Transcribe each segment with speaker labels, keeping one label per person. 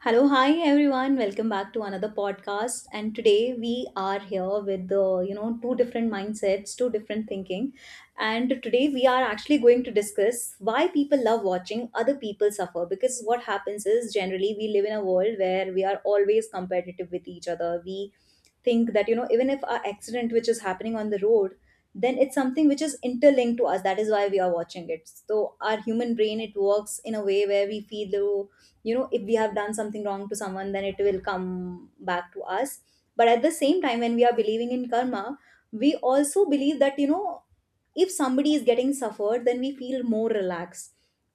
Speaker 1: Hello, hi everyone. Welcome back to another podcast. And today we are here with the two different mindsets, two different thinking. And today we are actually going to discuss why people love watching other people suffer. Because what happens is, generally, we live in a world where we are always competitive with each other. We think that even if our accident which is happening on the road, then it's something which is interlinked to us. That is why we are watching it. So our human brain, it works in a way where we feel though, if we have done something wrong to someone, then it will come back to us. But at the same time, when we are believing in karma, we also believe that if somebody is getting suffered, then we feel more relaxed.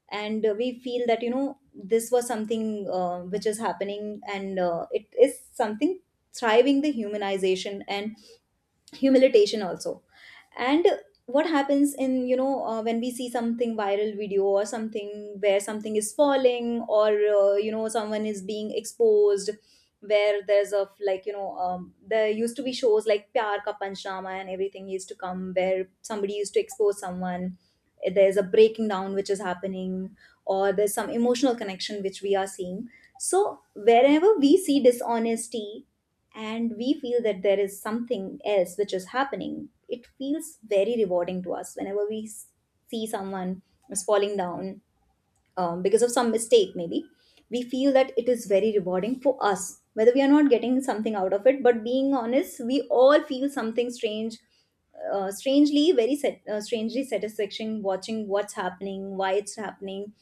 Speaker 1: And we feel that this was something which is happening, and it is something thriving the humanization and humiliation also. And what happens in, when we see something viral video or something where something is falling, or someone is being exposed, where there's a, there used to be shows like pyar ka Panchama and everything used to come where somebody used to expose someone, there's a breaking down which is happening, or there's some emotional connection which we are seeing. So wherever we see dishonesty and we feel that there is something else which is happening, it feels very rewarding to us whenever see someone is falling down, because of some mistake maybe. We feel that it is very rewarding for us, whether we are not getting something out of it. But being honest, we all feel something strange, strangely very strangely satisfaction watching what's happening, why it's happening.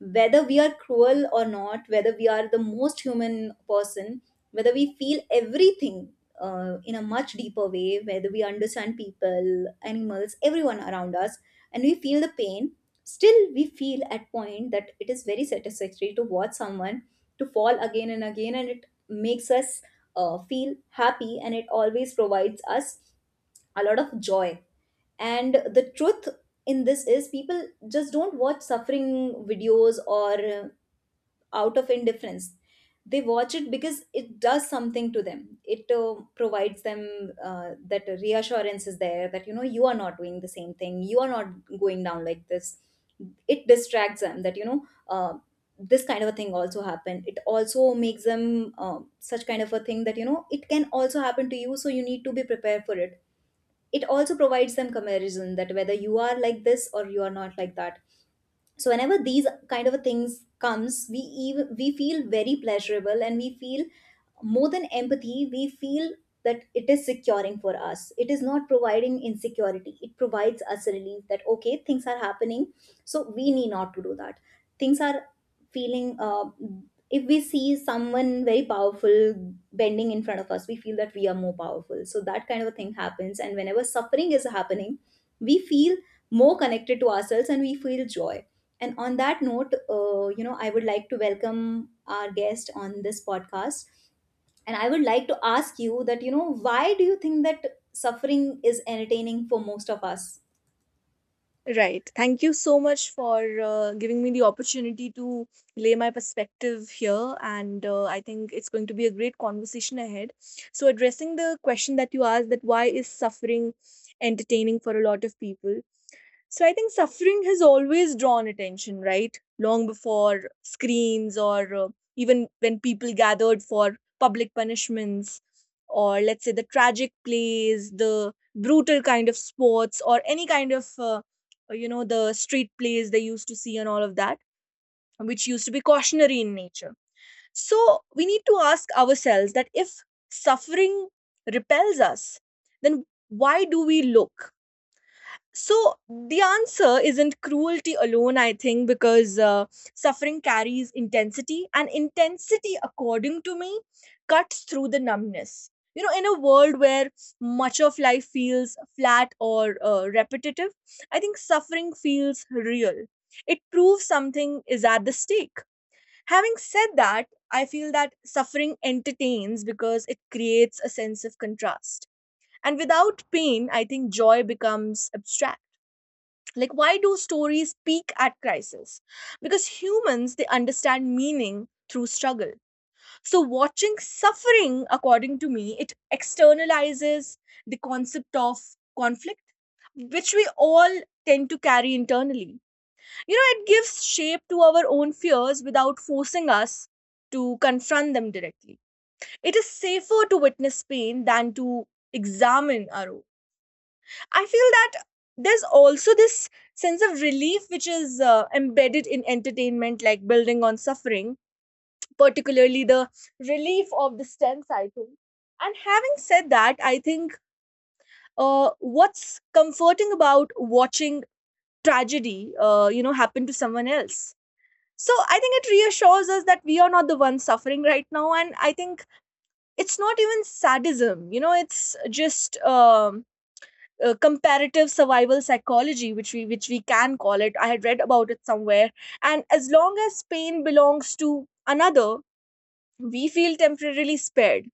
Speaker 1: Whether we are cruel or not, whether we are the most human person, whether we feel everything in a much deeper way, whether we understand people, animals, everyone around us, and we feel the pain, still we feel at point that it is very satisfactory to watch someone to fall again and again, and it makes us feel happy, and it always provides us a lot of joy. And the truth in this is people just don't watch suffering videos or, out of indifference. They watch it because it does something to them. It provides them that reassurance is there that you are not doing the same thing, you are not going down like this. It distracts them that, this kind of a thing also happened. It also makes them such kind of a thing that it can also happen to you, so you need to be prepared for it. It also provides them comparison, that whether you are like this or you are not like that. So whenever these kind of things comes, we, even we feel very pleasurable, and we feel more than empathy. We feel that it is securing for us. It is not providing insecurity. It provides us a relief that, okay, things are happening, so we need not to do that. Things are feeling, if we see someone very powerful bending in front of us, we feel that we are more powerful. So that kind of a thing happens, and whenever suffering is happening, we feel more connected to ourselves, and we feel joy. And on that note, I would like to welcome our guest on this podcast, and I would like to ask you that, why do you think that suffering is entertaining for most of us?
Speaker 2: Right. Thank you so much for giving me the opportunity to lay my perspective here. And I think it's going to be a great conversation ahead. So, addressing the question that you asked, that why is suffering entertaining for a lot of people? So, I think suffering has always drawn attention, right? Long before screens or even when people gathered for public punishments or, let's say, the tragic plays, the brutal kind of sports, or any kind of the street plays they used to see and all of that, which used to be cautionary in nature. So we need to ask ourselves that if suffering repels us, then why do we look? So the answer isn't cruelty alone, I think, because suffering carries intensity, and intensity, according to me, cuts through the numbness. You know, in a world where much of life feels flat or repetitive, I think suffering feels real. It proves something is at the stake. Having said that, I feel that suffering entertains because it creates a sense of contrast. And without pain, I think joy becomes abstract. Like, why do stories peak at crisis? Because humans, they understand meaning through struggle. So watching suffering, according to me, it externalizes the concept of conflict which we all tend to carry internally. You know, it gives shape to our own fears without forcing us to confront them directly. It is safer to witness pain than to examine our own. I feel that there's also this sense of relief which is embedded in entertainment, like building on suffering, particularly the relief of the stents, I think. And having said that, I think what's comforting about watching tragedy, happen to someone else. So I think it reassures us that we are not the ones suffering right now, and I think it's not even sadism. It's just comparative survival psychology, which we can call it. I had read about it somewhere. And as long as pain belongs to another, we feel temporarily spared.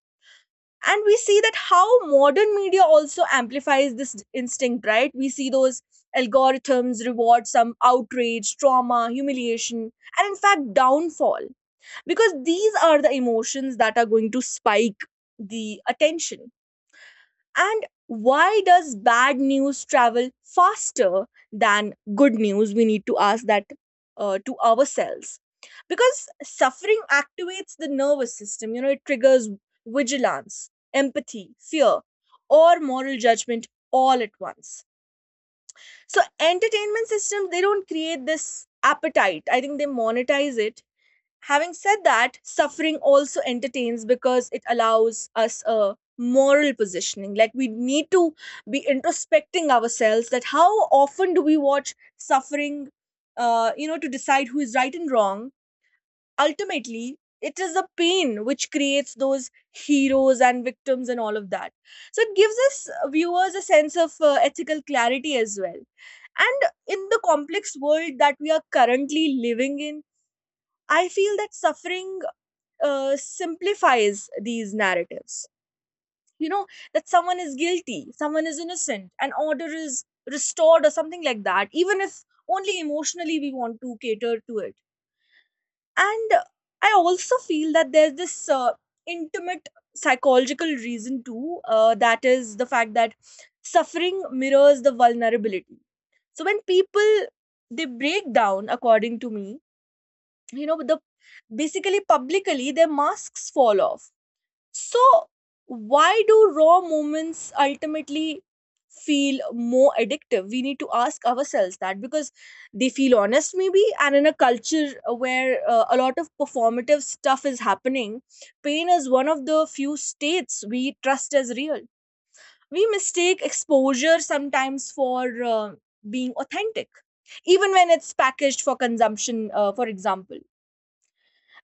Speaker 2: And we see that how modern media also amplifies this instinct, right? We see those algorithms reward some outrage, trauma, humiliation, and in fact downfall, because these are the emotions that are going to spike the attention. And why does bad news travel faster than good news? We need to ask that to ourselves. Because suffering activates the nervous system, you know, it triggers vigilance, empathy, fear, or moral judgment all at once. So, entertainment systems, they don't create this appetite. I think they monetize it. Having said that, suffering also entertains because it allows us a moral positioning. Like, we need to be introspecting ourselves that how often do we watch suffering, to decide who is right and wrong. Ultimately, it is the pain which creates those heroes and victims and all of that. So it gives us viewers a sense of ethical clarity as well. And in the complex world that we are currently living in, I feel that suffering simplifies these narratives. You know, that someone is guilty, someone is innocent, and order is restored or something like that, even if only emotionally we want to cater to it. And I also feel that there's this intimate psychological reason too, that is the fact that suffering mirrors the vulnerability. So when people, they break down, according to me, you know, the basically publicly their masks fall off. So, why do raw moments ultimately feel more addictive? We need to ask ourselves that, because they feel honest, maybe. And in a culture where a lot of performative stuff is happening, pain is one of the few states we trust as real. We mistake exposure sometimes for being authentic, even when it's packaged for consumption, for example.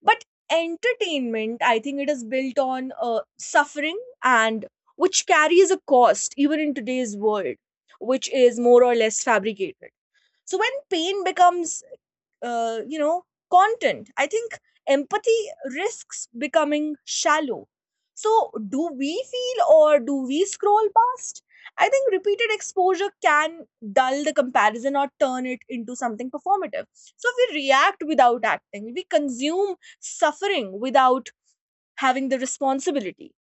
Speaker 2: But entertainment, I think it is built on suffering, and which carries a cost even in today's world, which is more or less fabricated. So when pain becomes uh, you know content, I think empathy risks becoming shallow. So do we feel or do we scroll past? I think repeated exposure can dull the comparison or turn it into something performative. So if we react without acting, we consume suffering without having the responsibility.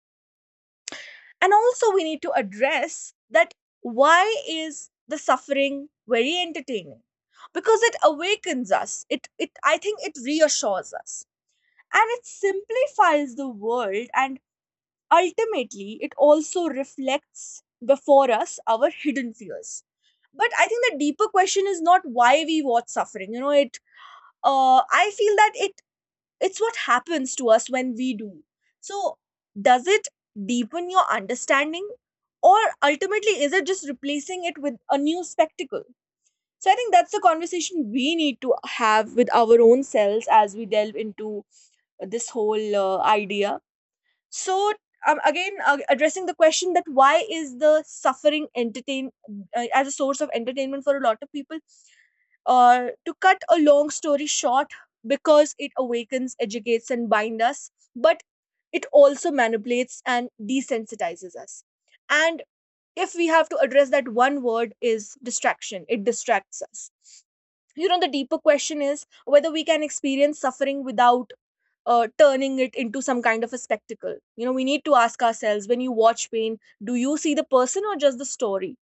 Speaker 2: And also we need to address that why is the suffering very entertaining? Because it awakens us, it, I think it reassures us, and it simplifies the world, and ultimately it also reflects before us our hidden fears. But I think the deeper question is not why we watch suffering. You know, it, I feel that it, it's what happens to us when we do. So, does it deepen your understanding, or ultimately is it just replacing it with a new spectacle? So I think that's the conversation we need to have with our own selves as we delve into this whole idea. So um, again uh, addressing the question that why is the suffering entertain, as a source of entertainment for a lot of people, to cut a long story short, because it awakens, educates, and binds us, but it also manipulates and desensitizes us. And if we have to address that, one word is distraction. It distracts us. You know, the deeper question is whether we can experience suffering without turning it into some kind of a spectacle. You know, we need to ask ourselves, when you watch pain, do you see the person or just the story?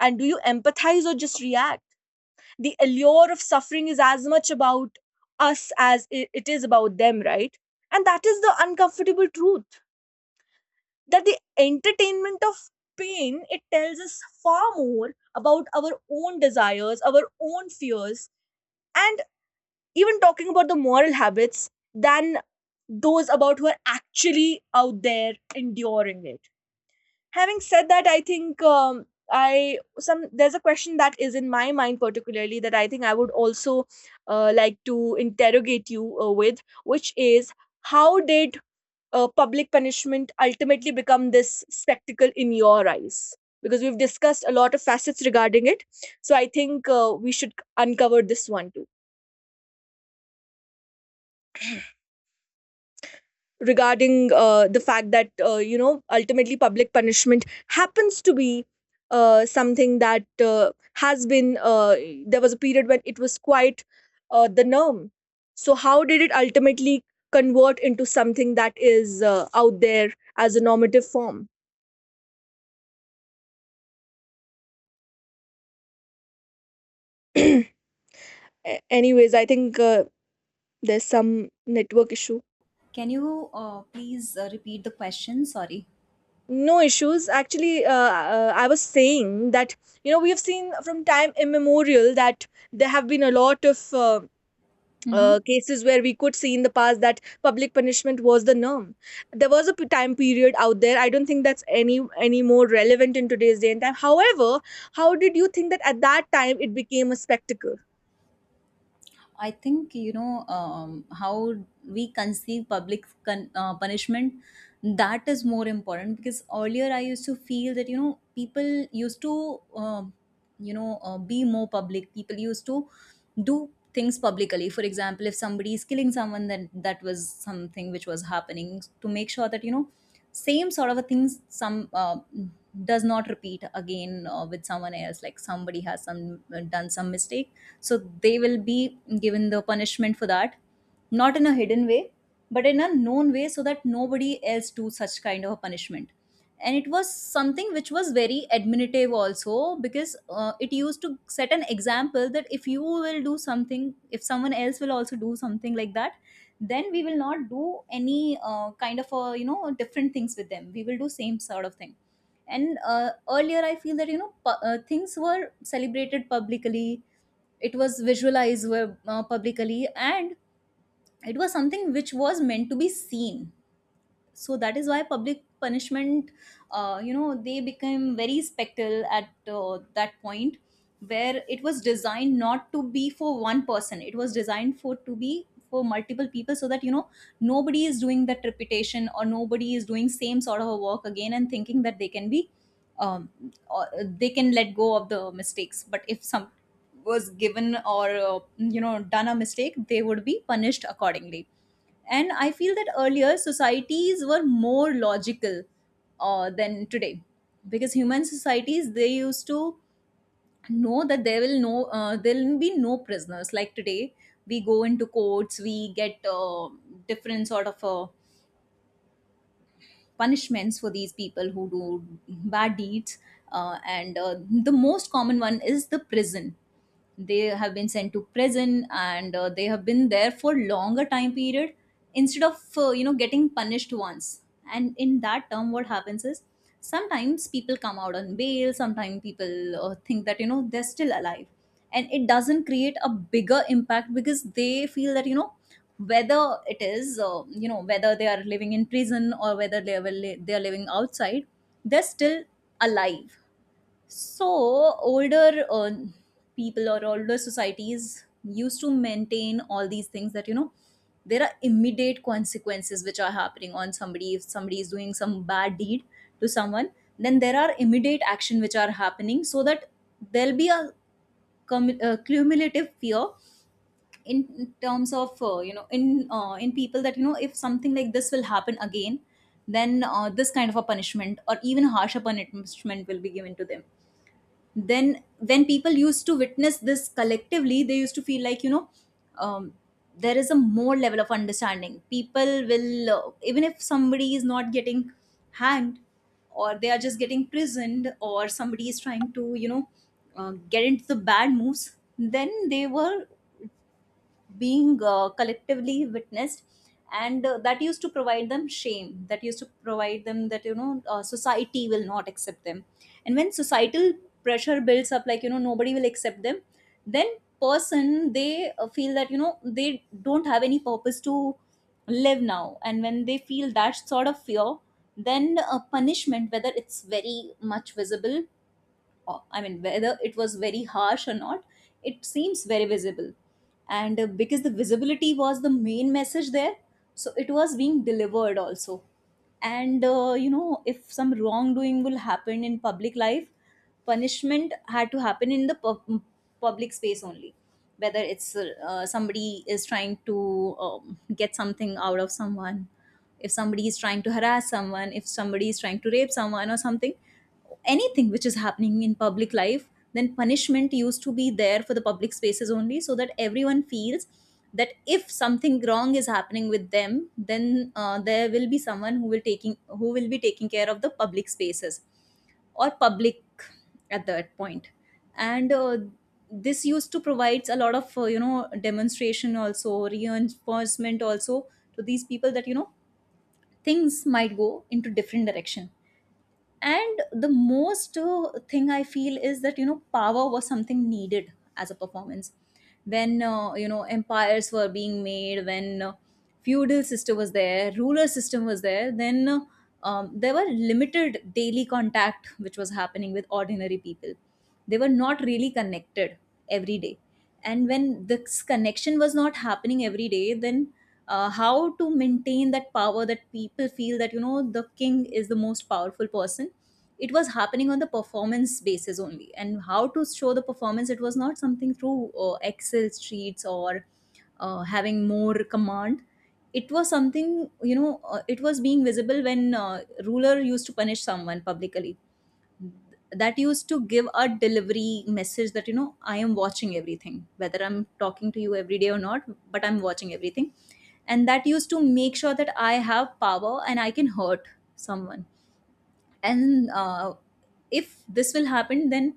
Speaker 2: And do you empathize or just react? The allure of suffering is as much about us as it is about them, right? And that is the uncomfortable truth, that the entertainment of pain, it tells us far more about our own desires, our own fears, and even talking about the moral habits, than those about who are actually out there enduring it. Having said that, I think I some there's a question that is in my mind particularly that I think I would also like to interrogate you with, which is, how did public punishment ultimately become this spectacle in your eyes? Because we've discussed a lot of facets regarding it, so I think we should uncover this one too, regarding the fact that you know, ultimately public punishment happens to be something that has been there was a period when it was quite the norm. So how did it ultimately convert into something that is out there as a normative form? Anyways, I think there's some network issue.
Speaker 1: Can you please repeat the question, sorry?
Speaker 2: No issues actually, I was saying that, you know, we have seen from time immemorial that there have been a lot of
Speaker 1: Mm-hmm.
Speaker 2: cases where we could see in the past that public punishment was the norm. There was a time period out there. I don't think that's any more relevant in today's day and time. However, how did you think that at that time it became a spectacle?
Speaker 1: I think how we conceive public punishment, that is more important. Because earlier I used to feel that people used to, um, be more public. People used to do things publicly. For example, if somebody is killing someone, then that was something which was happening to make sure that same sort of a things some does not repeat again with someone else. Like somebody has some done some mistake, so they will be given the punishment for that, not in a hidden way, but in a known way, so that nobody else do such kind of a punishment. And it was something which was very administrative also, because it used to set an example, that if you will do something, if someone else will also do something like that, then we will not do any kind of a, different things with them. We will do same sort of thing. And earlier I feel that things were celebrated publicly. It was visualized publicly, and it was something which was meant to be seen. So that is why public punishment, they became very spectral at that point, where it was designed not to be for one person. It was designed for to be for multiple people, so that nobody is doing that repetition, or nobody is doing same sort of a work again and thinking that they can be, um, or they can let go of the mistakes. But if some was given, or done a mistake, they would be punished accordingly. And I feel that earlier societies were more logical than today, because human societies, they used to know that there will there will be no prisoners. Like today, we go into courts, we get different sort of punishments for these people who do bad deeds. And The most common one is the prison. They have been sent to prison, and they have been there for longer time period, instead of getting punished once. And in that term, what happens is, sometimes people come out on bail. Sometimes people think that they're still alive, and it doesn't create a bigger impact, because they feel that whether it is, whether they are living in prison, or whether they are living outside, they're still alive. So older people or older societies used to maintain all these things, that there are immediate consequences which are happening on somebody. If somebody is doing some bad deed to someone, then there are immediate action which are happening, so that there'll be a cumulative fear in terms of, in people, that if something like this will happen again, then this kind of a punishment, or even harsher punishment will be given to them. Then when people used to witness this collectively, they used to feel like, um, there is a more level of understanding. People will even if somebody is not getting hanged, or they are just getting prisoned, or somebody is trying to, get into the bad moves, then they were being collectively witnessed. And that used to provide them shame. That used to provide them that society will not accept them. And when societal pressure builds up, like nobody will accept them, then person, they feel that they don't have any purpose to live now. And when they feel that sort of fear, then punishment, whether it's very much visible, I mean, whether it was very harsh or not, it seems very visible. And because the visibility was the main message there, so it was being delivered also. And, if some wrongdoing will happen in public life, punishment had to happen in the public space only. Whether it's somebody is trying to, get something out of someone, if somebody is trying to harass someone, if somebody is trying to rape someone or something, anything which is happening in public life, then punishment used to be there for the public spaces only, so that everyone feels that if something wrong is happening with them, then there will be someone who will taking, who will be taking care of the public spaces or public at that point. And this used to provides a lot of demonstration also, reinforcement also to these people that you know things might go into different direction. And the most thing I feel is that you know power was something needed as a performance. When you know empires were being made, when feudal system was there, ruler system was there, then there were limited daily contact which was happening with ordinary people. They were not really connected every day. And when this connection was not happening every day, then how to maintain that power, that people feel that you know the king is the most powerful person. It was happening on the performance basis only. And how to show the performance, it was not something through excel sheets or having more command. It was something, you know, it was being visible when ruler used to punish someone publicly. That used to give a delivery message that you know I am watching everything, whether I'm talking to you every day or not, but I'm watching everything. And that used to make sure that I have power and I can hurt someone. And if this will happen then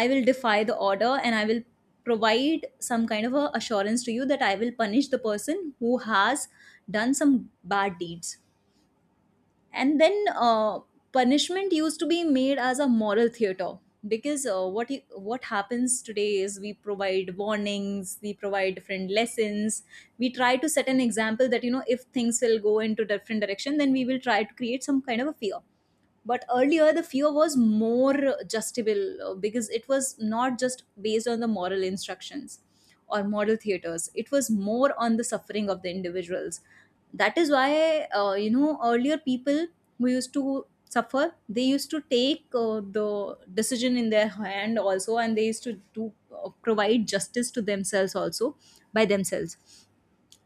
Speaker 1: I will defy the order and I will provide some kind of a assurance to you that I will punish the person who has done some bad deeds. And then punishment used to be made as a moral theater, because what happens today is we provide warnings, we provide different lessons, we try to set an example that you know if things will go into different direction then we will try to create some kind of a fear. But earlier, the fear was more justable because it was not just based on the moral instructions or moral theaters, it was more on the suffering of the individuals. That is why you know earlier people who used to suffer, they used to take the decision in their hand also, and they used to do provide justice to themselves also, by themselves.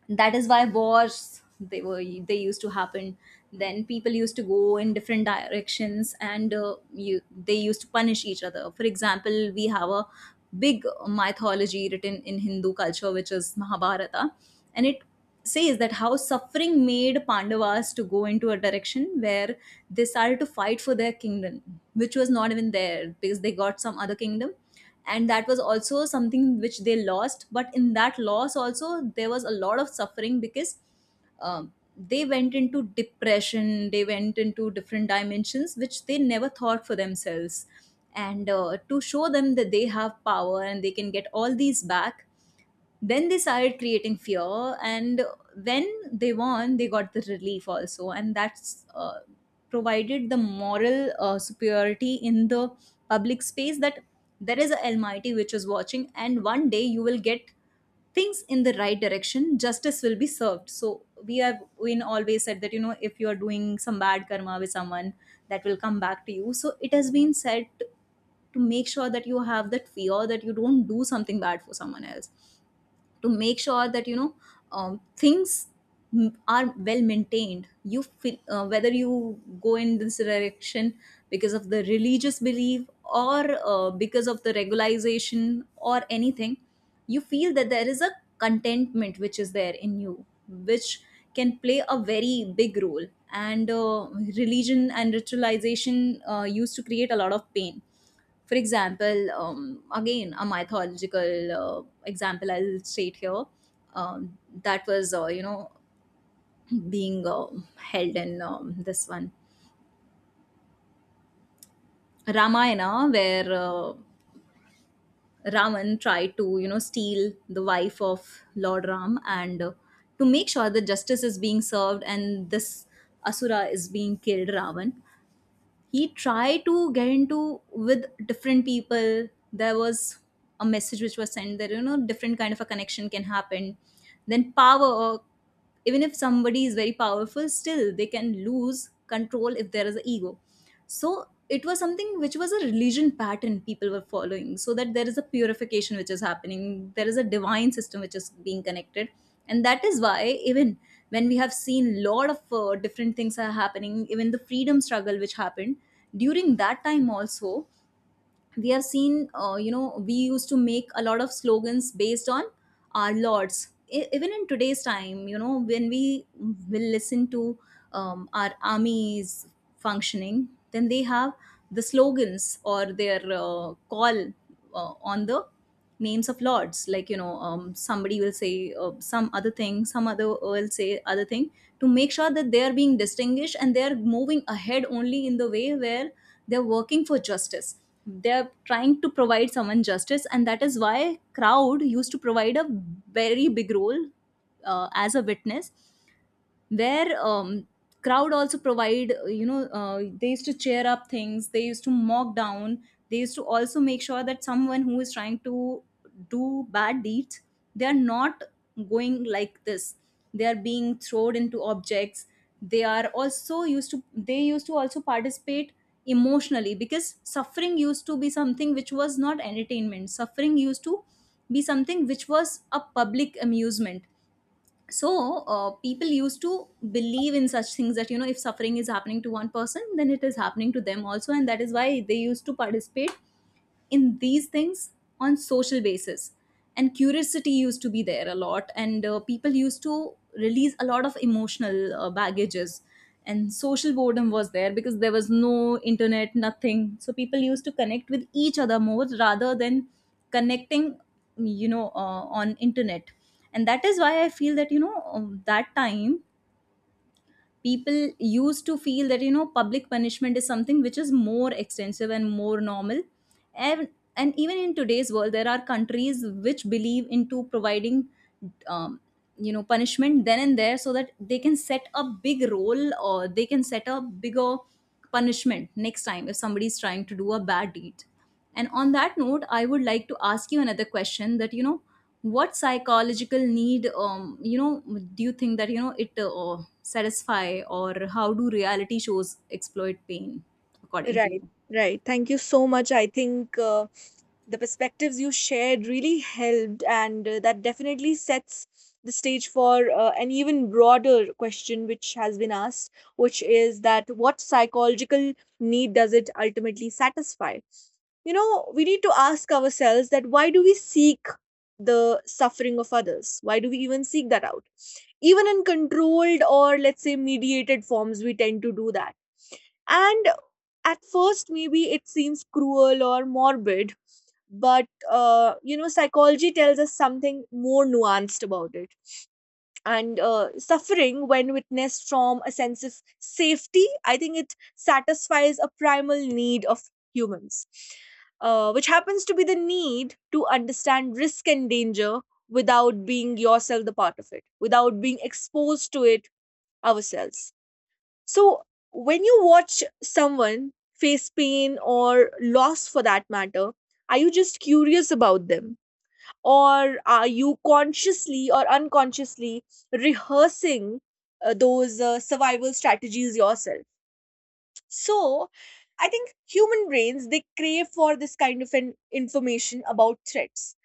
Speaker 1: That is why wars, they used to happen. Then people used to go in different directions, and they used to punish each other. For example, we have a big mythology written in Hindu culture, which is Mahabharata. And it says that how suffering made Pandavas to go into a direction where they started to fight for their kingdom, which was not even there because they got some other kingdom, and that was also something which they lost. But in that loss also there was a lot of suffering, because um, they went into depression, they went into different dimensions which they never thought for themselves. And to show them that they have power and they can get all these back, then they started creating fear. And when they won, they got the relief also, and that's provided the moral superiority in the public space, that there is a almighty which is watching and one day you will get things in the right direction, justice will be served. So we have been always said that you know if you are doing some bad karma with someone, that will come back to you. So it has been said to make sure that you have that fear, that you don't do something bad for someone else, to make sure that you know things are well maintained. You feel whether you go in this direction because of the religious belief or because of the regularization or anything, you feel that there is a contentment which is there in you, which can play a very big role. And religion and ritualization used to create a lot of pain. For example, again, a mythological example I'll state here. um, that was, you know, being held in this one Ramayana, where Raman tried to, you know, steal the wife of Lord Ram. And to make sure that justice is being served and this Asura is being killed, Ravan, he tried to get into with different people. There was a message which was sent that you know different kind of a connection can happen then power, or even if somebody is very powerful, still they can lose control if there is an ego. So it was something which was a religion pattern people were following, so that there is a purification which is happening, there is a divine system which is being connected. And that is why even when we have seen lot of different things are happening, even the freedom struggle which happened during that time also, we have seen you know we used to make a lot of slogans based on our lords. Even in today's time, you know when we will listen to our armies functioning, then they have the slogans or their call on the names of lords, like you know somebody will say some other thing, some other will say other thing, to make sure that they are being distinguished and they are moving ahead only in the way where they're working for justice, they're trying to provide someone justice. And that is why crowd used to provide a very big role as a witness, where crowd also provide, they used to cheer up things, they used to mock down, they used to also make sure that someone who is trying to do bad deeds, they are not going like this, they are being thrown into objects. They are also used to they used to also participate emotionally, because suffering used to be something which was not entertainment, suffering used to be something which was a public amusement. So people used to believe in such things that you know if suffering is happening to one person, then it is happening to them also, and that is why they used to participate in these things on social basis. And curiosity used to be there a lot, and people used to release a lot of emotional baggages. And social boredom was there because there was no internet, nothing, so people used to connect with each other more rather than connecting, you know, on internet. And that is why I feel that you know that time people used to feel that you know public punishment is something which is more extensive and more normal. and and even in today's world there are countries which believe into providing um, you know punishment then and there, so that they can set a big role or they can set a bigger punishment next time if somebody is trying to do a bad deed. And on that note, I would like to ask you another question, that you know what psychological need, you know, do you think that you know it satisfy, or how do reality shows exploit pain, according to
Speaker 2: Right,
Speaker 1: you?
Speaker 2: right. Thank you so much. I think the perspectives you shared really helped, and that definitely sets the stage for an even broader question which has been asked, which is that what psychological need does it ultimately satisfy? You know, we need to ask ourselves that why do we seek the suffering of others? Why do we even seek that out? Even in controlled or, let's say, mediated forms, we tend to do that. And at first, maybe it seems cruel or morbid, but you know, psychology tells us something more nuanced about it. And suffering, when witnessed from a sense of safety, I think it satisfies a primal need of humans, which happens to be the need to understand risk and danger without being yourself the part of it, without being exposed to it ourselves. So, when you watch someone face pain or loss for that matter, are you just curious about them? Or are you consciously or unconsciously rehearsing those survival strategies yourself? So, I think human brains, they crave for this kind of an information about threats,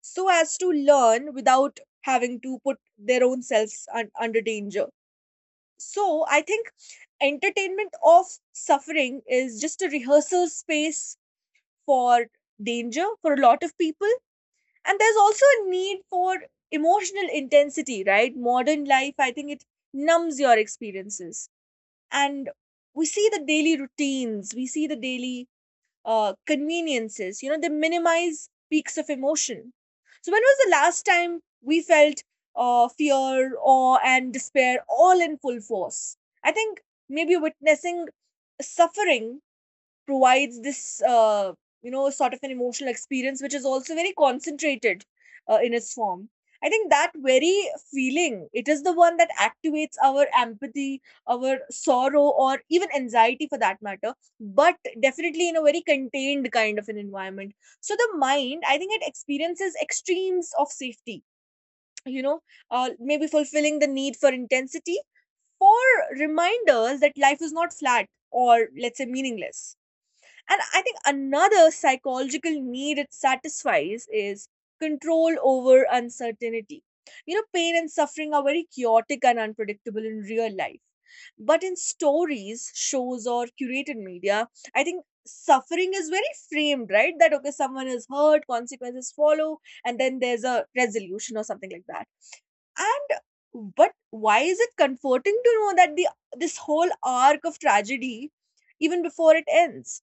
Speaker 2: so as to learn without having to put their own selves under danger. So I think entertainment of suffering is just a rehearsal space for danger for a lot of people. And there's also a need for emotional intensity, right? Modern life, I think it numbs your experiences. And we see the daily routines, we see the daily conveniences. You know, they minimize peaks of emotion. So, when was the last time we felt fear, awe, and despair all in full force? I think maybe witnessing suffering provides this uh, sort of an emotional experience which is also very concentrated in its form. I think that very feeling, it is the one that activates our empathy, our sorrow, or even anxiety for that matter, but definitely in a very contained kind of an environment. So the mind, I think it experiences extremes of safety, you know maybe fulfilling the need for intensity, for reminders that life is not flat or, let's say, meaningless. And I think another psychological need it satisfies is control over uncertainty. You know, pain and suffering are very chaotic and unpredictable in real life. But in stories, shows, or curated media, I think suffering is very framed, right? That, okay, someone is hurt, consequences follow, and then there's a resolution or something like that. And But why is it comforting to know that the this whole arc of tragedy even before it ends?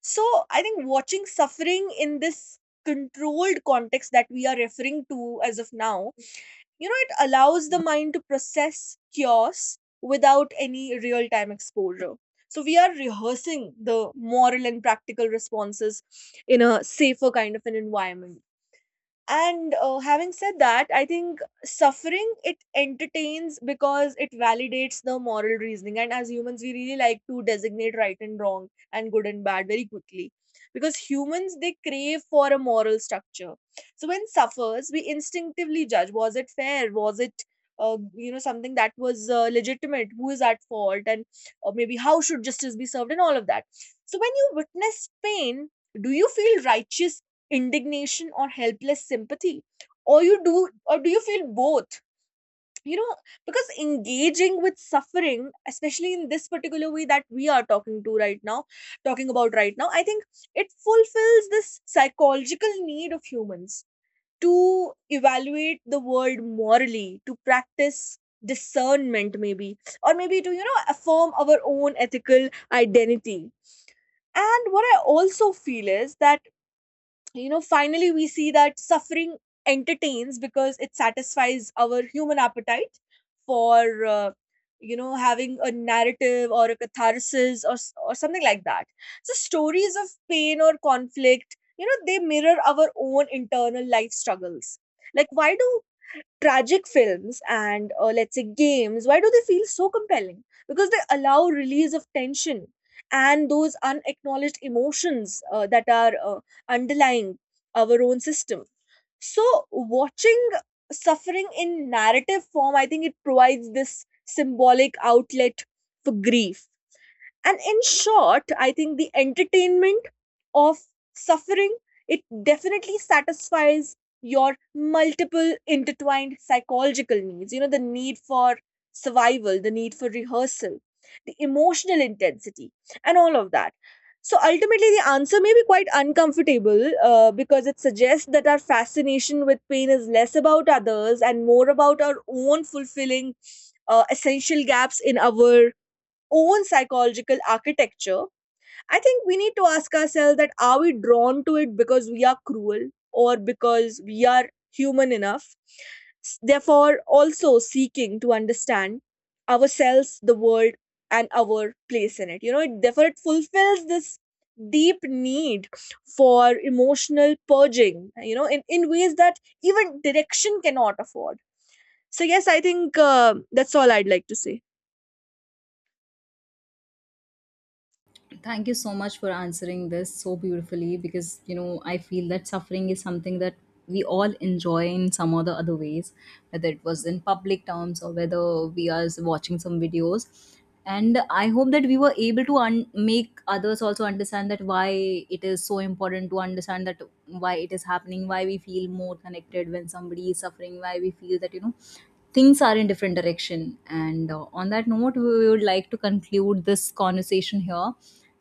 Speaker 2: So I think watching suffering in this controlled context that we are referring to as of now, you know, it allows the mind to process chaos without any real time exposure. So we are rehearsing the moral and practical responses in a safer kind of an environment. And having said that, I think suffering, it entertains because it validates the moral reasoning. And as humans, we really like to designate right and wrong and good and bad very quickly, because humans, they crave for a moral structure. So when suffers, we instinctively judge: was it fair? Was it something that was legitimate? Who is at fault? And or maybe how should justice be served? And all of that. So when you witness pain, do you feel righteous indignation or helpless sympathy, or you do, or do you feel both, you know? Because engaging with suffering, especially in this particular way that we are talking about right now, I think it fulfills this psychological need of humans to evaluate the world morally, to practice discernment, maybe, or maybe to, you know, affirm our own ethical identity. And what I also feel is that, you know, finally we see that suffering entertains because it satisfies our human appetite for, you know, having a narrative or a catharsis or or something like that. So stories of pain or conflict, you know, they mirror our own internal life struggles. Like, why do tragic films and, let's say, games, why do they feel so compelling? Because they allow release of tension and those unacknowledged emotions that are underlying our own system. So watching suffering in narrative form, I think it provides this symbolic outlet for grief. And in short, I think the entertainment of suffering, it definitely satisfies your multiple intertwined psychological needs, you know, the need for survival, the need for rehearsal, the emotional intensity, and all of that. So ultimately the answer may be quite uncomfortable, because it suggests that our fascination with pain is less about others and more about our own fulfilling essential gaps in our own psychological architecture. I think we need to ask ourselves that are we drawn to it because we are cruel or because we are human enough? Therefore, also seeking to understand ourselves, the world, and our place in it. You know, it, therefore, it fulfills this deep need for emotional purging, you know, in ways that even direction cannot afford. So, yes, I think that's all I'd like to say.
Speaker 1: Thank you so much for answering this so beautifully, because you know I feel that suffering is something that we all enjoy in some or the other ways, whether it was in public terms or whether we are watching some videos. And I hope that we were able to make others also understand that why it is so important to understand that why it is happening, why we feel more connected when somebody is suffering, why we feel that you know things are in different direction. And on that note we would like to conclude this conversation here,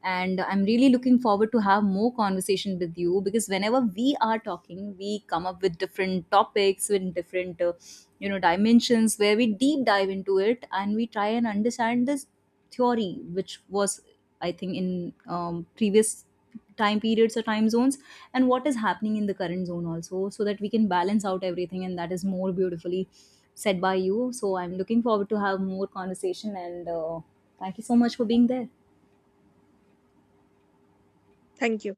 Speaker 1: and I'm really looking forward to have more conversation with you, because whenever we are talking we come up with different topics with different you know dimensions where we deep dive into it and we try and understand this theory which was, I think, in previous time periods or time zones, and what is happening in the current zone also, so that we can balance out everything. And that is more beautifully said by you, so I'm looking forward to have more conversation. And thank you so much for being there.
Speaker 2: Thank you.